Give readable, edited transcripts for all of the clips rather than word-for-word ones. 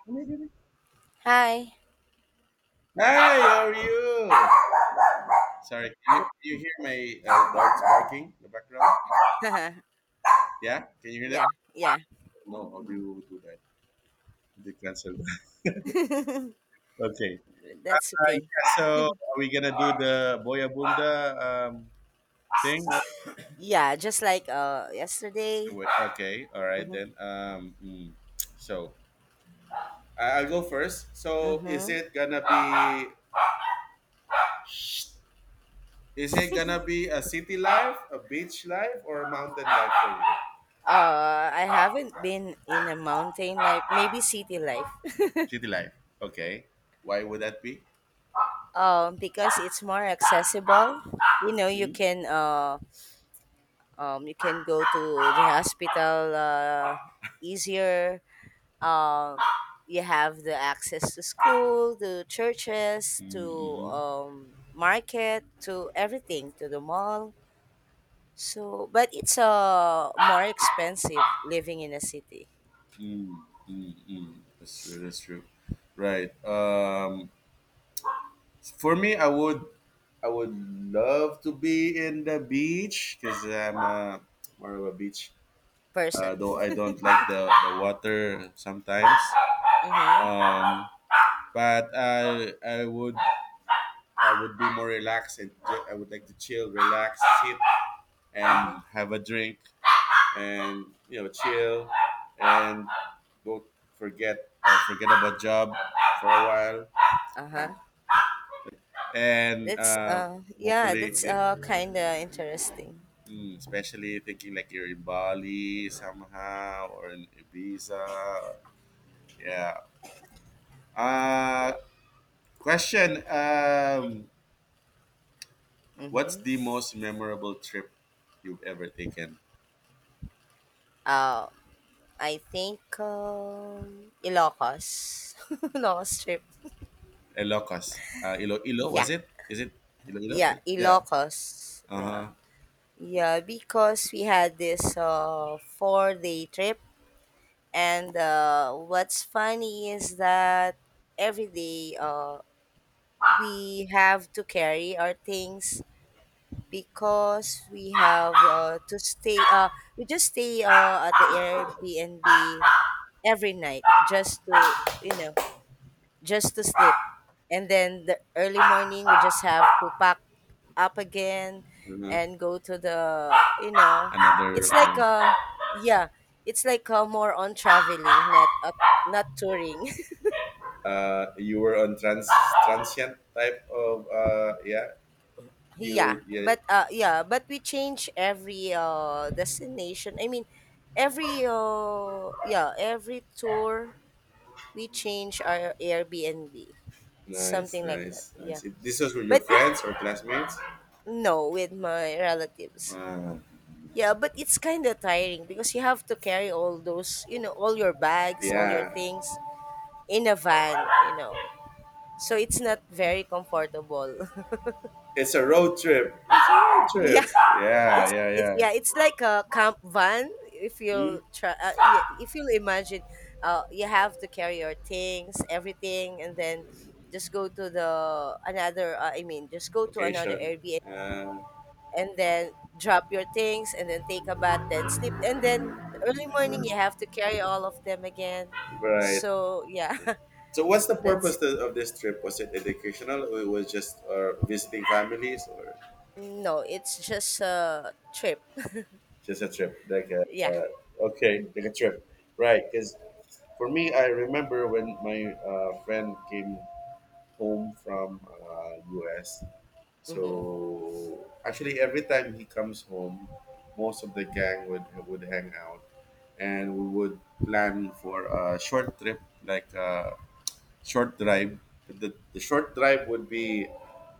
Hi, Hi. how are you? Sorry, can you hear my dogs barking in the background? Yeah, can you hear that? Yeah, yeah, No, I'll do that. They cancel that. Okay. that's okay. Yeah, so are we gonna do the Boyabunda thing? Yeah, just like yesterday. Do it. Okay, all right Mhm. then. Mm. So I'll go first. So Mhm. Is it gonna be a city life, a beach life, or a mountain life for you? I haven't been in a mountain life, maybe city life. City life. Okay. Why would that be? Because it's more accessible. You know, you Hmm? can go to the hospital easier. Um you have the access to school, to churches, to Mm-hmm. Market, to everything, to the mall. So, but it's more expensive living in a city Mm, mm, mm. That's true. That's true. Right. For me, I would love to be in the beach because I'm more of a beach. Person. Though I don't like the water sometimes. Mm-hmm. Um, but I would be more relaxed and I would like to chill, relax, sit, Mm-hmm. and have a drink. And you know chill and go forget forget about job for a Uh-huh. while and That's uh, yeah, hopefully that's eh, kind of interesting. mm, especially thinking like you're in Bali somehow or in Ibiza. Yeah. uh Yeah. Question, what's Mm-hmm. the most memorable trip you've ever taken? Uh, I think Ilocos. Ilocos Strip. Ilocos Ilo Yeah. was it is it Iloilo? Yeah, Yeah. Ilocos. Yeah. Uh-huh, Yeah, because we had this 4-day trip, and what's funny is that every day we have to carry our things, because we have to stay we just stay at the Airbnb every night, just to you know sleep, and then the early morning we just have to pack up again uh-huh. and go to the Another it's like yeah it's like more on traveling, not touring. You were on transient type of yeah. You, yeah. Yeah, but we change every destination. I mean, every tour we change our Airbnb, Nice, something like that. nice, Yeah. nice. This was with your But it friends or classmates? no, with my relatives. Uh, Yeah, but it's kind of tiring because you have to carry all those, all your bags, all your yeah, things in a van. So it's not very comfortable. it's a road trip, road Yeah. trip. Yeah, It's yeah, it's yeah. yeah, it's like a camp van. If Hmm. you'll try, uh, y- if you'll imagine, you have to carry your things, everything, and then just go to the another. I mean, just go to another Vacation. Airbnb, Uh, and then drop your things, and then take a bath, then sleep, and then early morning you have to carry all of them again. right. So yeah, So what's the that's purpose of this trip? Was it educational or it was just visiting families or... no, it's just a trip. Just a trip, like a, Yeah. Okay, like a trip, right? Because for me, I remember when my friend came home from US. Mhm. So actually, every time he comes home, most of the gang would hang out, and we would plan for a short trip, like short drive. The short drive would be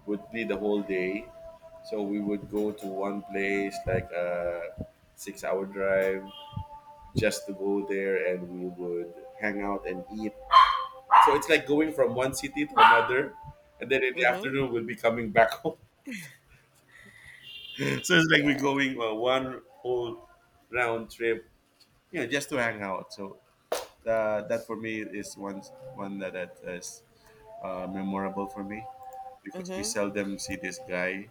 the whole day. So we would go to one place like a 6 hour drive just to go there, and we would hang out and eat. So it's like going from one city to another, and then in the Mhm. afternoon we'll be coming back home. So it's like we're Yeah. going one whole round trip, you know, just to hang out. So that for me is one that, that is memorable for me because we Mhm. seldom see this guy.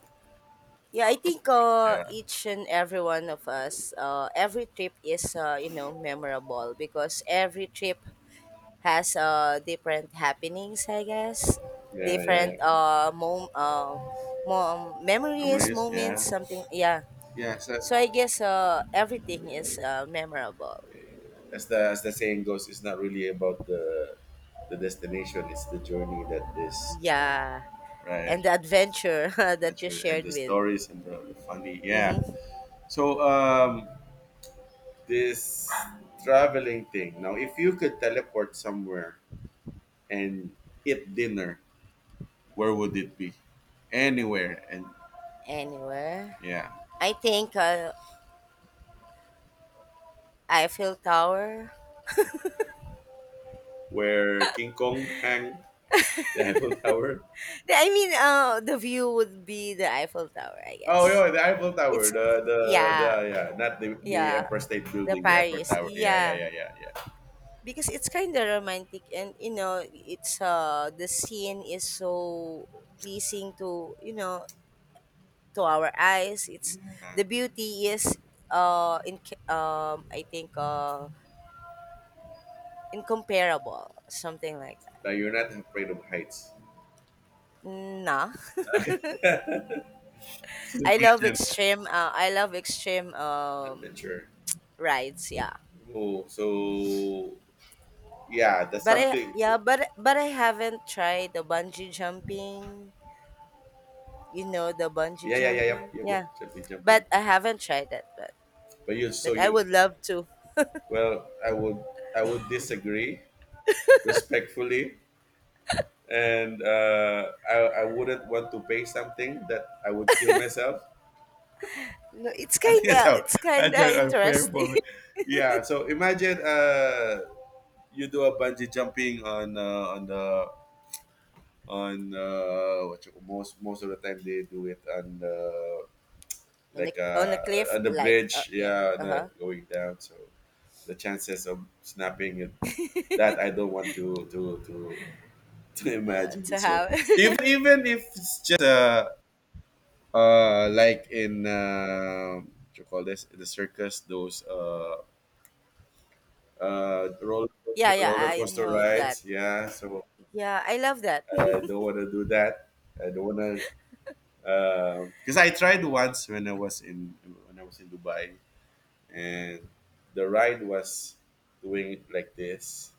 Yeah, I Uh, from, think yeah. each and every one of us, every trip is memorable, because every trip has different happenings, I guess, Yeah, yeah, different yeah. Mom memories, Memories, moments, yeah. something. Yeah, Yeah, so so I guess everything is memorable. as the saying goes, it's not really about the destination, it's the journey that is uh, Yeah, right. and the adventure that you Adventure and shared the with. stories and the funny, yeah. Mm-hmm. So this traveling thing. Now, if you could teleport somewhere and eat dinner, where would it be? Anywhere and, Anywhere, yeah, I think Eiffel Tower. where King Kong hang. The Eiffel Tower. Yeah, I mean, the view would be the Eiffel Tower, I Oh, guess. yeah, the Eiffel Tower. It's The Yeah, Yeah, not the yeah, Empire State the Building, the Eiffel Paris, Tower. Yeah, yeah, yeah, yeah, yeah, yeah. because it's kind of romantic, and you know, it's the scene is so pleasing to to our eyes. It's The Yeah. beauty is in I think incomparable, something like that. No, you're not afraid of heights. Nah, It's an I love adventure. extreme. I love extreme Adventure. rides. Yeah. Oh, so yeah, that's But I something. yeah, but but I haven't tried the bungee jumping. You know the bungee Yeah, yeah, yeah, yep, jumping, yep, yep. yeah. Jumping, But jumping. I haven't tried that, but But but I would love to. well, I would disagree respectfully, and I wouldn't want to pay something that I would kill myself. No, it's I think that's kinda how it's kinda unfair for interesting. me. Yeah. So imagine you do a bungee jumping on the on what you, most of the time they do it on the, on a, like on a cliff, on the like bridge. yeah, Yeah, on uh the, huh, going down. So the chances of snapping it that I don't want to imagine. to So even have. If it's just like in what you call this, the circus, those roller Yeah, coaster, yeah, I know that. rides. Yeah, so Yeah, I love that. I don't want to do that. I don't want to, because I tried once when I was in Dubai, and the ride was doing it like this,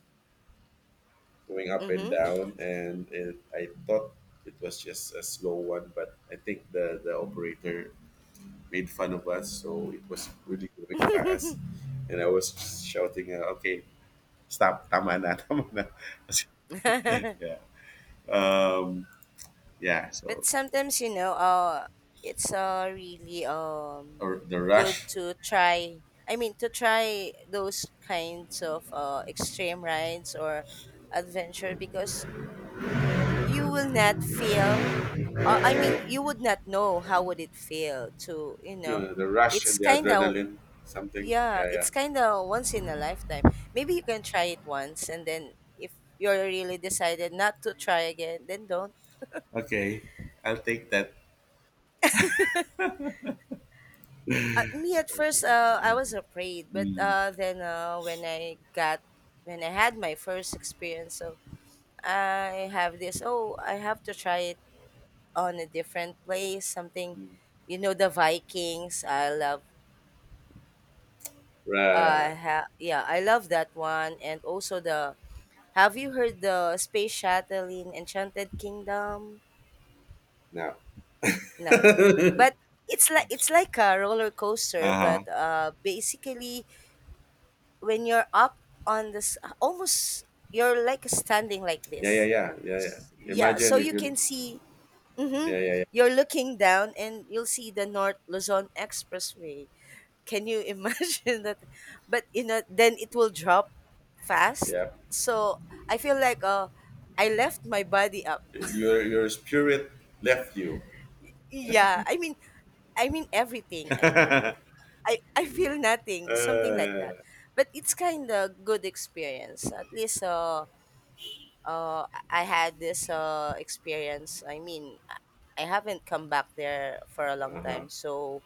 going up and Mm-hmm. down, and it, I thought it was just a slow one, but I think the operator made fun of us, so it was really going fast, and I was shouting, "Okay, stop, tama na, tama na." Um, yeah, But so, sometimes, it's really or the good rush, to try. I mean, to try those kinds of extreme rides or adventure, because you will not feel, I mean, you would not know how would it feel to, you you know. know, the rush it's and the kind of adrenaline, something. yeah Yeah, yeah. it's kind of once in a lifetime. Maybe you can try it once, and then if you're really decided not to try again, then don't. Okay, I'll take that. Me at first, I was afraid, but Mm. Then when I had my first experience, so I have this. Oh, I have to try it on a different place. Something, you know, the Vikings. I love. Right Yeah, I love that one, and also the. Have you heard the space shuttle in Enchanted Kingdom? now. Nah, Yeah, but it's like a roller uh coaster, huh. but basically when you're up on this, almost you're like standing like Yeah, yeah, this. yeah, yeah, yeah. Yeah, so Imagine if you you, can see. Hmm, yeah, yeah, you're looking down and you'll see the North Luzon Expressway. Can you imagine that? But you know, then it will drop fast. yeah, So I feel like I left my body up. yeah. Your spirit left you. Yeah, I mean, everything, Uh, I feel nothing, something like that. uh-huh. But it's kind of good experience, at least I had this experience. I mean, I haven't come back there for a long time. So,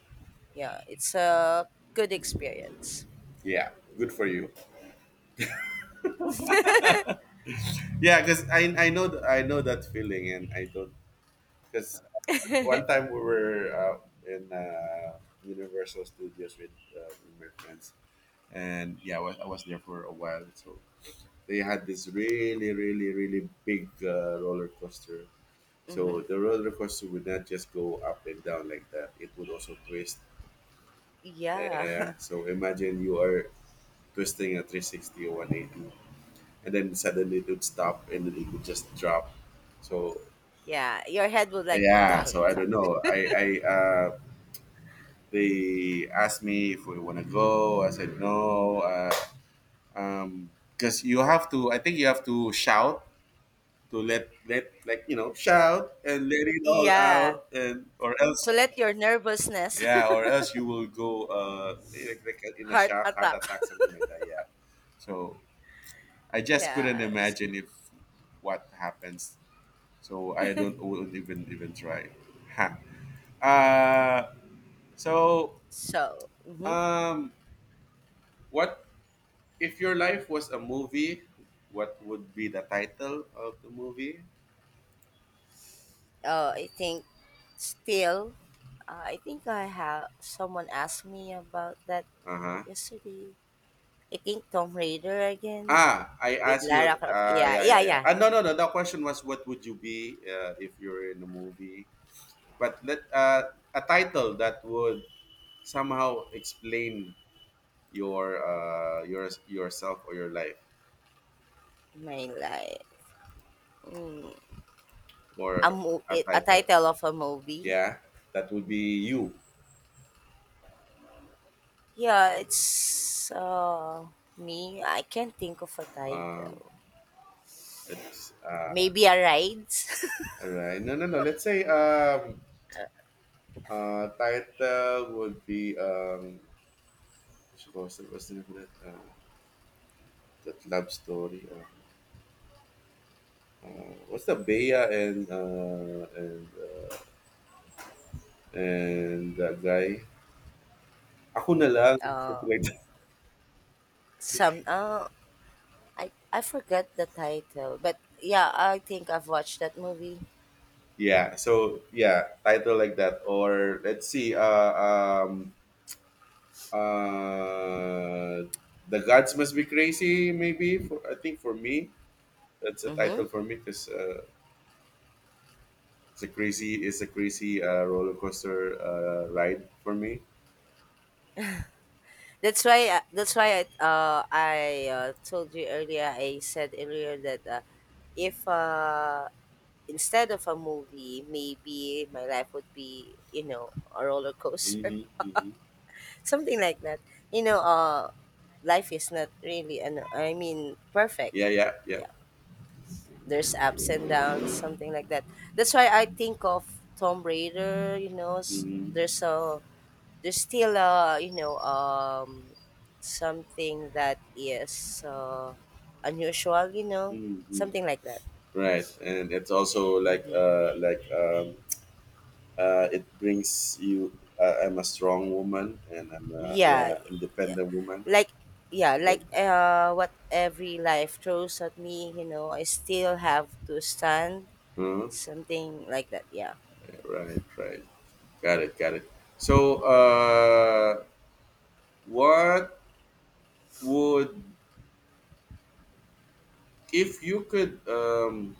yeah, it's a good experience. Yeah, good for you. Yeah, because I know I know that feeling, and I don't. Because one time we were out in Universal Studios with my friends, and yeah, I was there for a while. So they had this really, really, really big roller coaster. Mm-hmm. So the roller coaster would not just go up and down like that; it would also twist. Yeah. Yeah. So imagine you are twisting at 360 or 180, and then suddenly it would stop, and then it would just drop. So Yeah. Your head would like, be, yeah. dog, So I don't dog." know. I They asked me if we want to go. I said no, um, because you have to. I think you have to shout to let let like you know shout and let it all Yeah. out, and or To else, let your nervousness, yeah, or else you will go like, like, in a heart shock, heart attack. attack, something like that. Yeah. So I just couldn't Yeah. imagine if what happens. So I don't wouldn't even try. Ha. So So, mm-hmm. um, what if your life was a movie, what would be the title of the movie? I think still, I think I have someone asked me about that Uh-huh. yesterday. I think Tomb Raider again. Ah, I With asked you. Lara Croft. Ah, Yeah, yeah, yeah, yeah, yeah. yeah. Ah, no, no, no. The question was, what would you be if you're in a movie? But let a title that would somehow explain your yourself or your life, My like, mm, or a a title. title of a movie. Yeah, that would be you. Yeah, it's me. I can't think of a Um, title. it's Maybe a ride. All right. No, no, no. Let's say uh, title would be, what's the name of that? That love story. What's the Bea and and that guy? Ako na lang uh, something like that. some I forgot the title, but yeah, I think I've watched that movie. Yeah. So yeah, title like that, or let's see. Um, uh, the gods must be crazy. Maybe for I think for me, that's a Mm-hmm. title for me because it's a crazy roller coaster ride for me. That's why I told you earlier. I said earlier that, if instead of a movie, maybe my life would be, you know, a roller coaster, Mm-hmm. Hmm. something like that. You know, life is not really, I mean, perfect. Yeah, yeah, yeah. Yeah, there's ups and downs, something like that. That's why I think of Tomb Raider. You know, Mm-hmm. there's a there's still a something that is unusual. You know, Mm-hmm. something like that. Right, and it's also like Hmm. It brings you. I'm a strong woman, and I'm a, Yeah, yeah, independent woman. like Like that. What every life throws at me, you know, I still have to stand, Huh? something like that. Yeah. Yeah, right, right. Got it, got it. So, what would if you could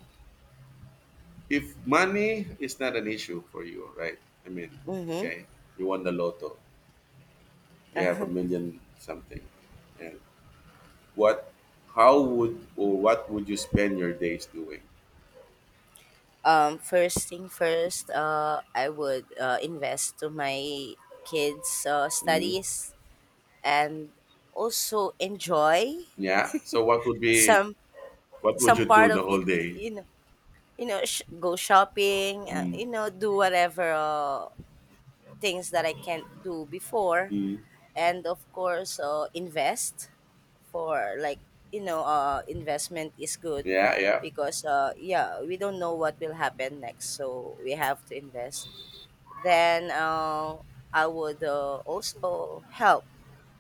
if money is not an issue for you, right? I mean, Mm-hmm. okay, you won the lotto. You have a Uh-huh. million something. And what, how would or what would you spend your days doing? First thing first, I would, invest to my kids' Mm, studies, and also enjoy yeah, so what would be, some what would some you do part the of whole it. Day? Go shopping, Mm, do whatever things that I can't do before. mm, And of course, invest for like, investment is good, yeah, yeah, because, yeah, we don't know what will happen next, so we have to invest. Then I would, also help,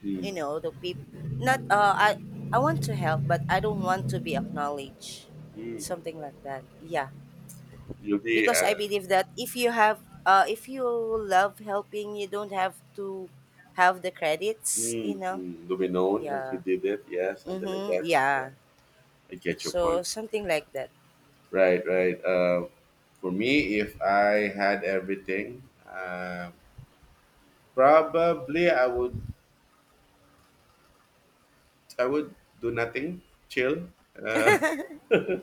mm, you know, the people, not, I want to help but I don't want to be acknowledged, mm, something like that. Yeah. you'll be Because I uh, believe that if you love helping, you don't have to have the credits, you mm, know. mm, you'll be known that you Yeah. did it, yeah, something like Mm-hmm. that, yeah. Yeah. I get your So point. something like that. Right, right. For me, if I had everything, probably I would I would do nothing, chill, uh,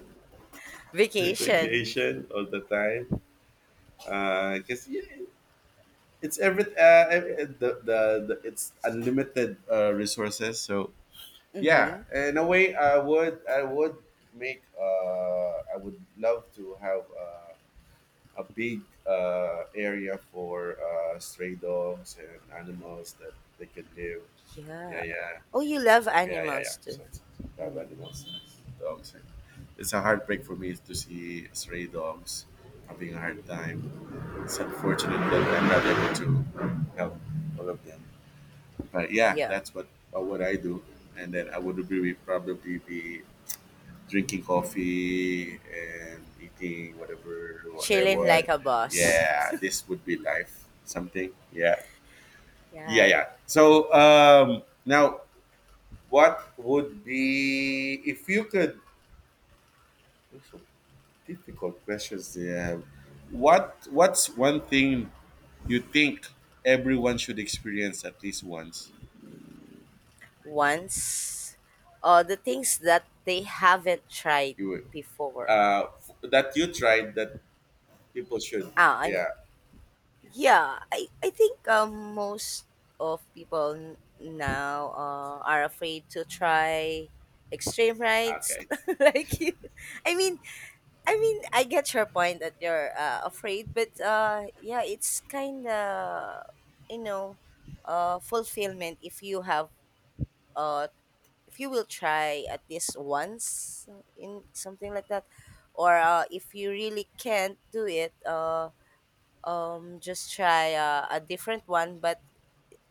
Vacation. vacation all the time. Because yeah, it's every ev- the it's unlimited resources. So yeah, Mm-hmm. in a way, I would make I would love to have a big area for stray dogs and animals that they could live. Yeah, Yeah. yeah. Oh, you love Yeah, yeah, yeah. animals too. So it's- Mm-hmm. the most dogs. And it's a heartbreak for me to see stray dogs having a hard time. It's unfortunate that Mm-hmm. I'm not able to help all of them. But yeah, Yeah. that's what I do. And then I would be probably be drinking coffee and eating whatever what I Chilling like want. a boss. Yeah, this would be life. Something. Yeah, yeah, Yeah. yeah. So now, what would be if you could? These are difficult questions they have. What's one thing you think everyone should experience at least once? Once. The things that they haven't tried You would, before. That you tried, that people should. Ah, I'm. Yeah. Yeah. I think, most of people now are afraid to try extreme rides, Okay. like you. I mean, I mean, I get your point that you're afraid, but yeah, it's kind of, you know, fulfillment if you have, uh, if you will try at least once in something like that. Or if you really can't do it, just try a different one. But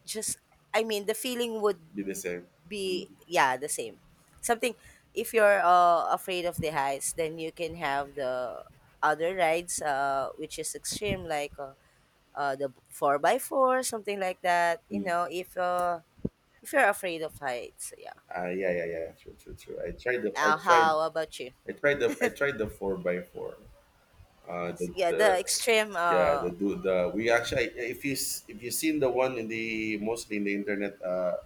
just, I mean, the feeling would Be the same. be, yeah, the same, something. If you're afraid of the heights, then you can have the other rides, which is extreme like the 4 by 4, something like that, you Mm-hmm. know. If you're afraid of heights, yeah. Yeah, yeah, yeah. True, true, true. I tried the. I tried. How about you? I tried the. I tried the four by four. Yeah, The the extreme, Yeah, the do the we yeah, actually, if you've seen the one in the mostly in the internet,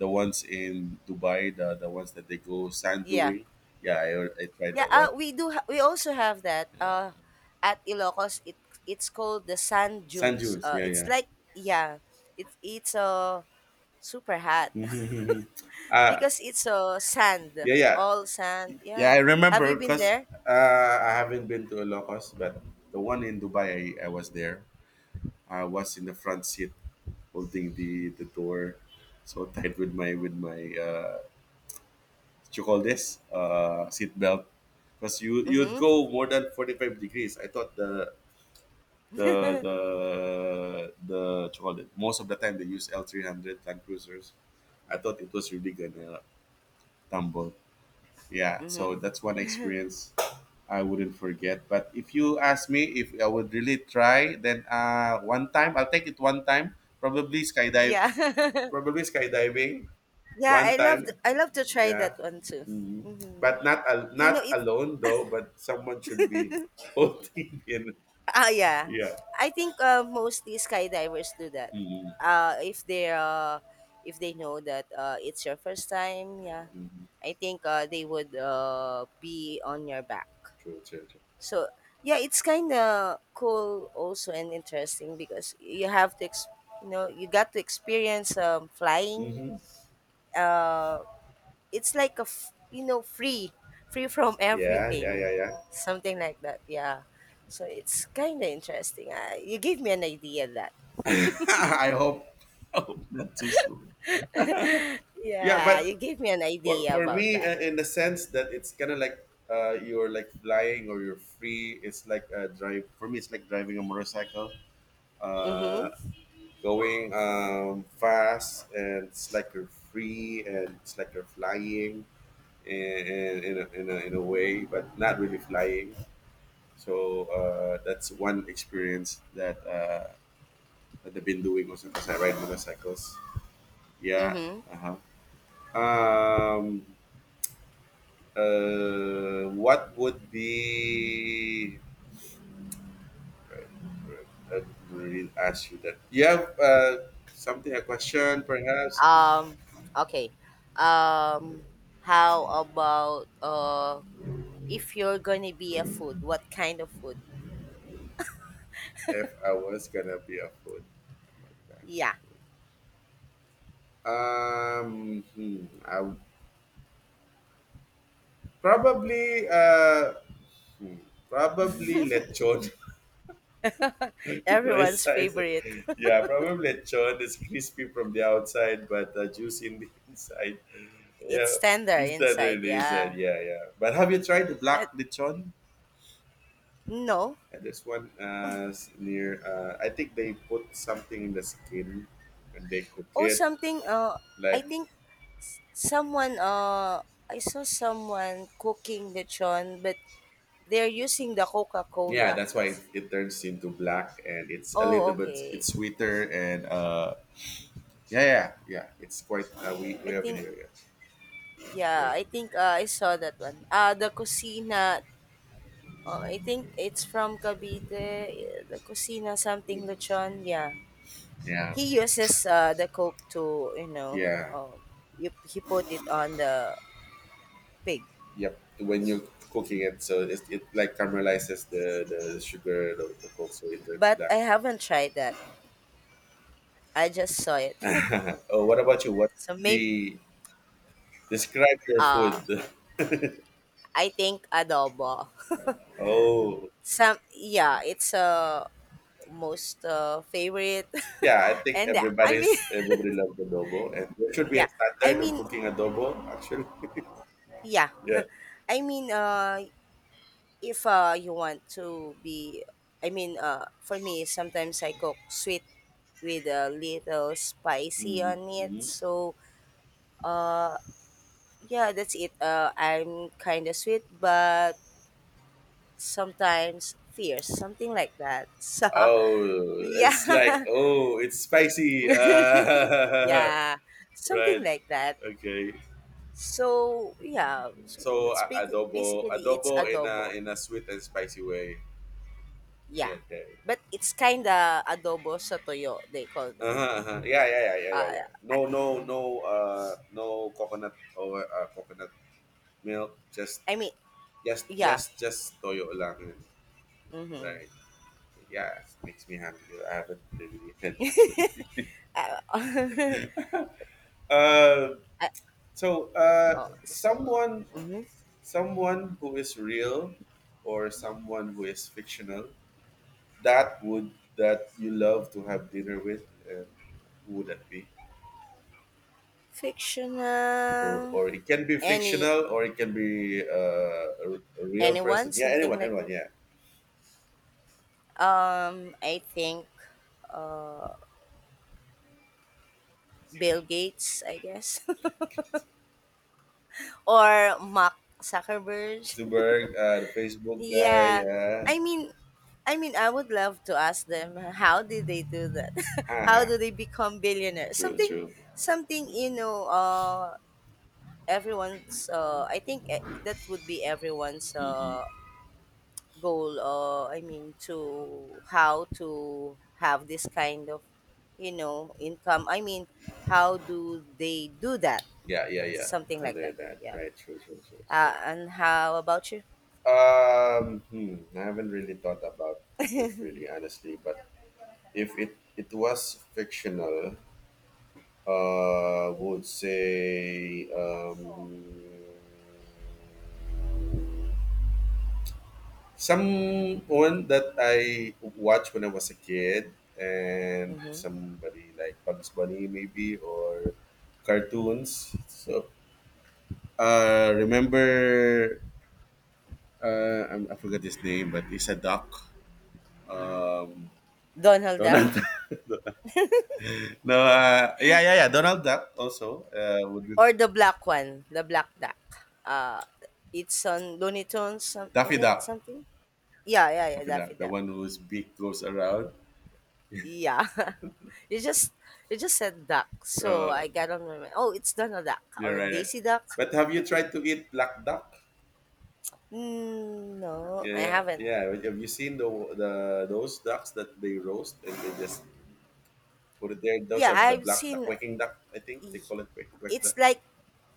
the ones in Dubai, the ones that they go sand yeah, doing. Yeah, I tried yeah. that one. We also have that Yeah, at Ilocos. It's called the sand sand dunes. dunes. Yeah, It's yeah. like, yeah. It's super hot. Mm-hmm. Uh, Because it's sand, yeah, yeah, all sand. yeah. I Yeah. Have you remember been because there? I haven't been to Ilocos, but the one in Dubai, I was there. I was in the front seat holding the door, so tight with my what you call this seat belt because you'd Mm-hmm. go more than 45 degrees. I thought the the the what you call it, most of the time they use l300 land cruisers. I thought it was really gonna tumble. Yeah, so Mm-hmm. that's one experience I wouldn't forget. But if you ask me if I would really try, then one time I'll take it. One time, probably skydive, Yeah. probably skydiving, Yeah, one time. I love to try Yeah. that one too. Hmm. Hmm. But You know not it. alone though, but someone should be holding in. Ah, yeah. Yeah. I think, mostly skydivers do that. Hmm. Uh, if they uh, if they know that it's your first time, yeah, Hmm. I think they would, be on your back. True, true, true. So yeah, it's kind of cool also and interesting, because you have to, you know, you got to experience, flying. Hmm. Uh, it's like a, you know, free, free from Yeah, everything, yeah, yeah, yeah. something like that. Yeah. So it's kind of interesting. You gave me an idea that. I hope. I hope not too soon. Yeah, Yeah, but you gave me an for, idea for about me, that. In the sense that it's kind of like you're like flying or you're free. It's like a drive. For me, it's like driving a motorcycle, Mhm. uh, going fast, and it's like you're free and it's like you're flying. In a way, but not really flying. So that's one experience that that I've been doing also because I ride motorcycles. Yeah. Mhm. Uh-huh. Um, what would be? I didn't really ask you that. Yeah. Something, a question perhaps. Um. Okay. Um. How about if you're gonna be a food, what kind of food? If I was gonna be a food, what kind Yeah. of food? Um, hmm, I would- probably. Probably lechon. Rice Everyone's size. favorite. Yeah, probably lechon is crispy from the outside, but juicy in the inside. Yeah, It's tender instant inside, release. And yeah. yeah, yeah. But have you tried the That, black lechon? no. There's one near. I think they put something in the skin and they cook Oh, it. something, I Like, think someone, I saw someone cooking lechon, but they're using the yeah, Coca-Cola. that's why it turns into black, and it's a Oh, little bit, okay. it's sweeter, and yeah, yeah, yeah, it's quite we I have in think here. Yeah. yeah, Yeah. I think I saw that one. The Cocina, I think it's from Cavite, the Cocina something You know. lechon, yeah. Yeah. He uses the coke to Yeah, um, he put it on the pig, yep. When you're cooking it, so it like caramelizes the sugar, the coke, so it turns but I black. haven't tried that. I just saw it. Oh, what about you? What So maybe be describe your food? uh I think adobo, Oh, some, yeah, it's most favorite. yeah. I think And I mean everybody loves adobo, and there should be a yeah, i standard of mean cooking adobo. Actually, yeah, yeah. I mean if you want to be, I mean for me, sometimes I cook sweet with a little spicy Mm-hmm. on it. Mm-hmm. So, uh, yeah, that's it. I'm kind of sweet, but sometimes fierce, something like that. So, Oh, it's yeah, like, oh, it's spicy. Right. yeah, something like that. Okay. So, yeah, so So that's big, adobo, basically it's adobo in adobo. A sweet and spicy way. Yeah, Yeah, okay. but it's kind of adobo sa toyo, they call that. Uh-huh, uh-huh. Yeah, yeah, yeah, yeah, yeah, Uh, yeah. No, no, mhm. no. No coconut or coconut milk. I mean, yeah. Just toyo lang. Mm-hmm. Right. Yeah, it makes me happy. I haven't really eaten actually. Uh, Uh, I, so oh, so, someone, mhm. someone who is real, or someone who is fictional, that would, that you love to have dinner with, and who would that be? or, Fictional. or it can be Any, fictional or it can be a real anyone? person. Yeah, Something anyone, like anyone. that? Yeah. I think Bill Gates, I guess. Or Mark Zuckerberg. Zuckerberg, the Facebook guy. Yeah. Yeah. I mean I mean I would love to ask them, how did they do that? Haha. How do they Huh. become billionaires? True, Something true. something you know, everyone's, that would be everyone's Hmm. Goal. I mean to, how to have this kind of, you know, income. I mean, how do they do that, Yeah, yeah, yeah. something like Something that. like that, Yeah. right. True, true, true. Uh, So and how about you? um hmm, I haven't really thought about it really honestly, but if it was fictional, would say someone that I watched when I was a kid, and Mm-hmm. somebody like Bugs Bunny maybe, or cartoons. So remember, I forgot his name, but he's a duck. Um, Donald Donald. Duck. No, yeah, yeah, yeah. Donald Duck also would be Or the black one, the black duck. Uh, it's on Looney Tunes, some, I Daffy think Duck. something. Yeah, yeah, yeah, Daffy Daffy Duck, the Duck. one whose beak goes around. Yeah. you just you just said duck, so Uh, I got on my mind, oh, it's Donald Duck you're or right. Eh. Daisy Duck. But have you tried to eat black duck? Mm, no, I Yeah, haven't. yeah. Have you seen the those ducks that they roast and they just put it there? Those Yeah, are the I've black, the seen. quacking duck. I think they E-, call it quack, quack it's duck, like,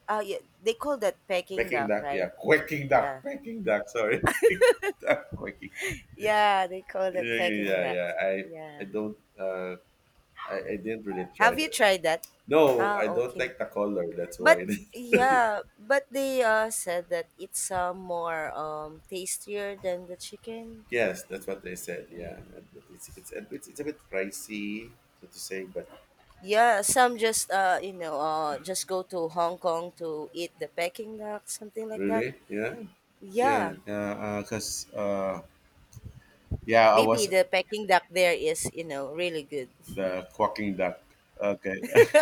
yeah, they call that Peking quacking duck, duck. right? Yeah, quacking duck, Yeah, quacking duck. Sorry, quacking duck, quacking. yeah, they call that Yeah, yeah, Peking yeah, duck. yeah. I Yeah. I don't. I didn't really try Have you that. tried that? No, Ah, I don't okay. like the color. That's But why. yeah, but they said that it's more tastier than the chicken. Yes, that's what they said. Yeah, it's a bit pricey, so to say, but Yeah, some just you know just go to Hong Kong to eat the Peking duck, something like that. really? Yeah. Yeah, Yeah. yeah. Because uh, yeah, I Maybe was the Peking duck there is, you know, really good. the quacking duck. Okay.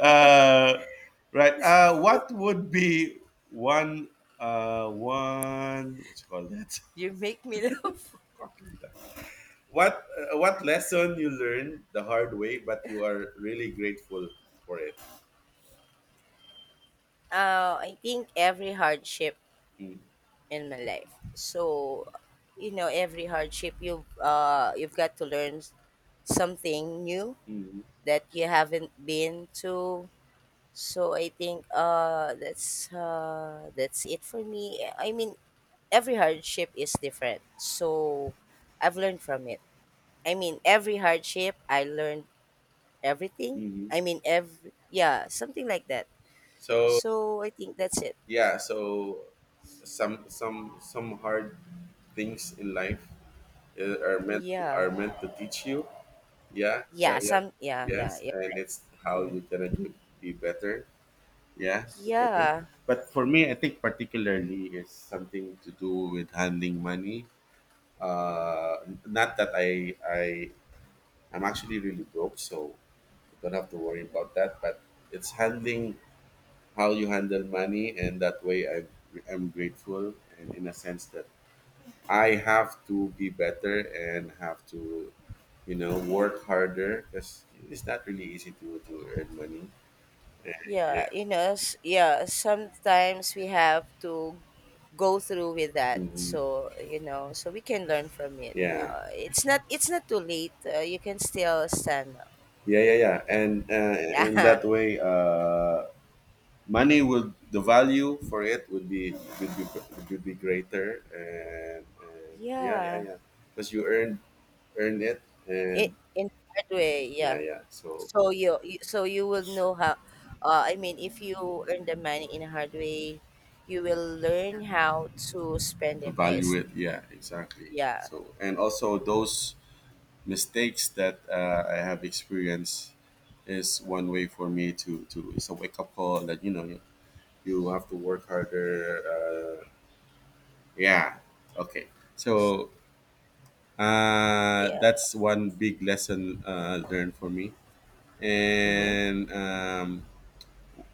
uh, right. What would be one one, what's it called that You make me laugh. quacking duck? What lesson you learned the hard way, but you are really grateful for it. I think every hardship in my life. So, you know, every hardship you've got to learn something new Mm-hmm. that you haven't been to. So I think that's it for me. I mean, every hardship is different. So I've learned from it. I mean, every hardship I learned everything. Hmm. I mean, every, yeah, something like that. So So I think that's it. yeah. So some hard things in life are meant, Yeah, are meant to teach you. Yeah, yeah, yeah, yeah. some, yeah, yeah, Yes, yeah, and it's how mhm, you can be better. Yeah, be better. yeah, But for me, I think particularly it's something to do with handling money. Not that I'm actually really broke, so don't have to worry about that. But it's handling, how you handle money, and that way I'm grateful, and in a sense that I have to be better and have to, you know, work harder because it's not really easy to earn money. Eh, yeah. yeah. You know, s-, yeah. Sometimes we have to go through with that. Mhm. So, you know, so we can learn from it. Yeah. It's not too late. You can still stand up. Yeah. Yeah. Yeah. And that Yeah, way, money will, the value for it would be, would be, would be greater. And yeah, yeah, yeah. yeah. Because you earn, earn it, It and in hard way. Yeah. yeah, yeah. So So you so you will know how. I mean, if you earn the money in a hard way, you will learn how to spend to it value it. wisely. Yeah, exactly. Yeah, So and also those mistakes that I have experienced is one way for me to, it's a wake up call that you know you, you have to work harder. Yeah, okay. So yeah. that's one big lesson learned for me. Mm-hmm. And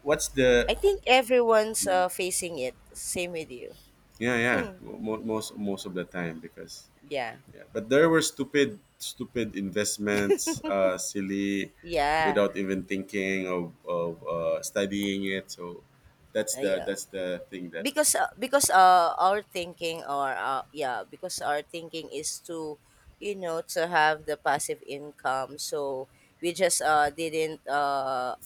what's I the, think everyone's facing it. Same with you. yeah, yeah, most, most of the time because Yeah, yeah, but there were stupid, stupid investments, silly, yeah, without even thinking of studying it. So yeah. that's the thing that Because our thinking or, yeah, because our thinking is to, you know, to have the passive income. So we just didn't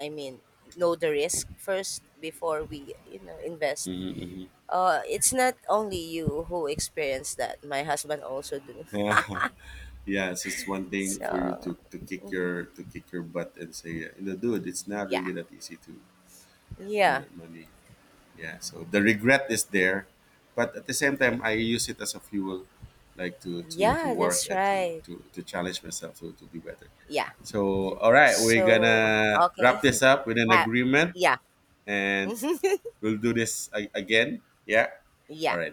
i mean know the risk first before we, you know, invest. mhm, Uh, it's not only you who experience that, my husband also do. mhm. Yeah, it's just one thing for you So, to kick mm, your, to kick your butt and say, you know, dude, it's not yeah, really that easy to earn yeah that money. Yeah, so the regret is there, but at the same time, I use it as a fuel, like to yeah, work that's and right, to challenge myself to be better. yeah. So, all right, we're So gonna okay. wrap this up with an Ha-, agreement, yeah. and we'll do this again. Yeah. All Yeah. right.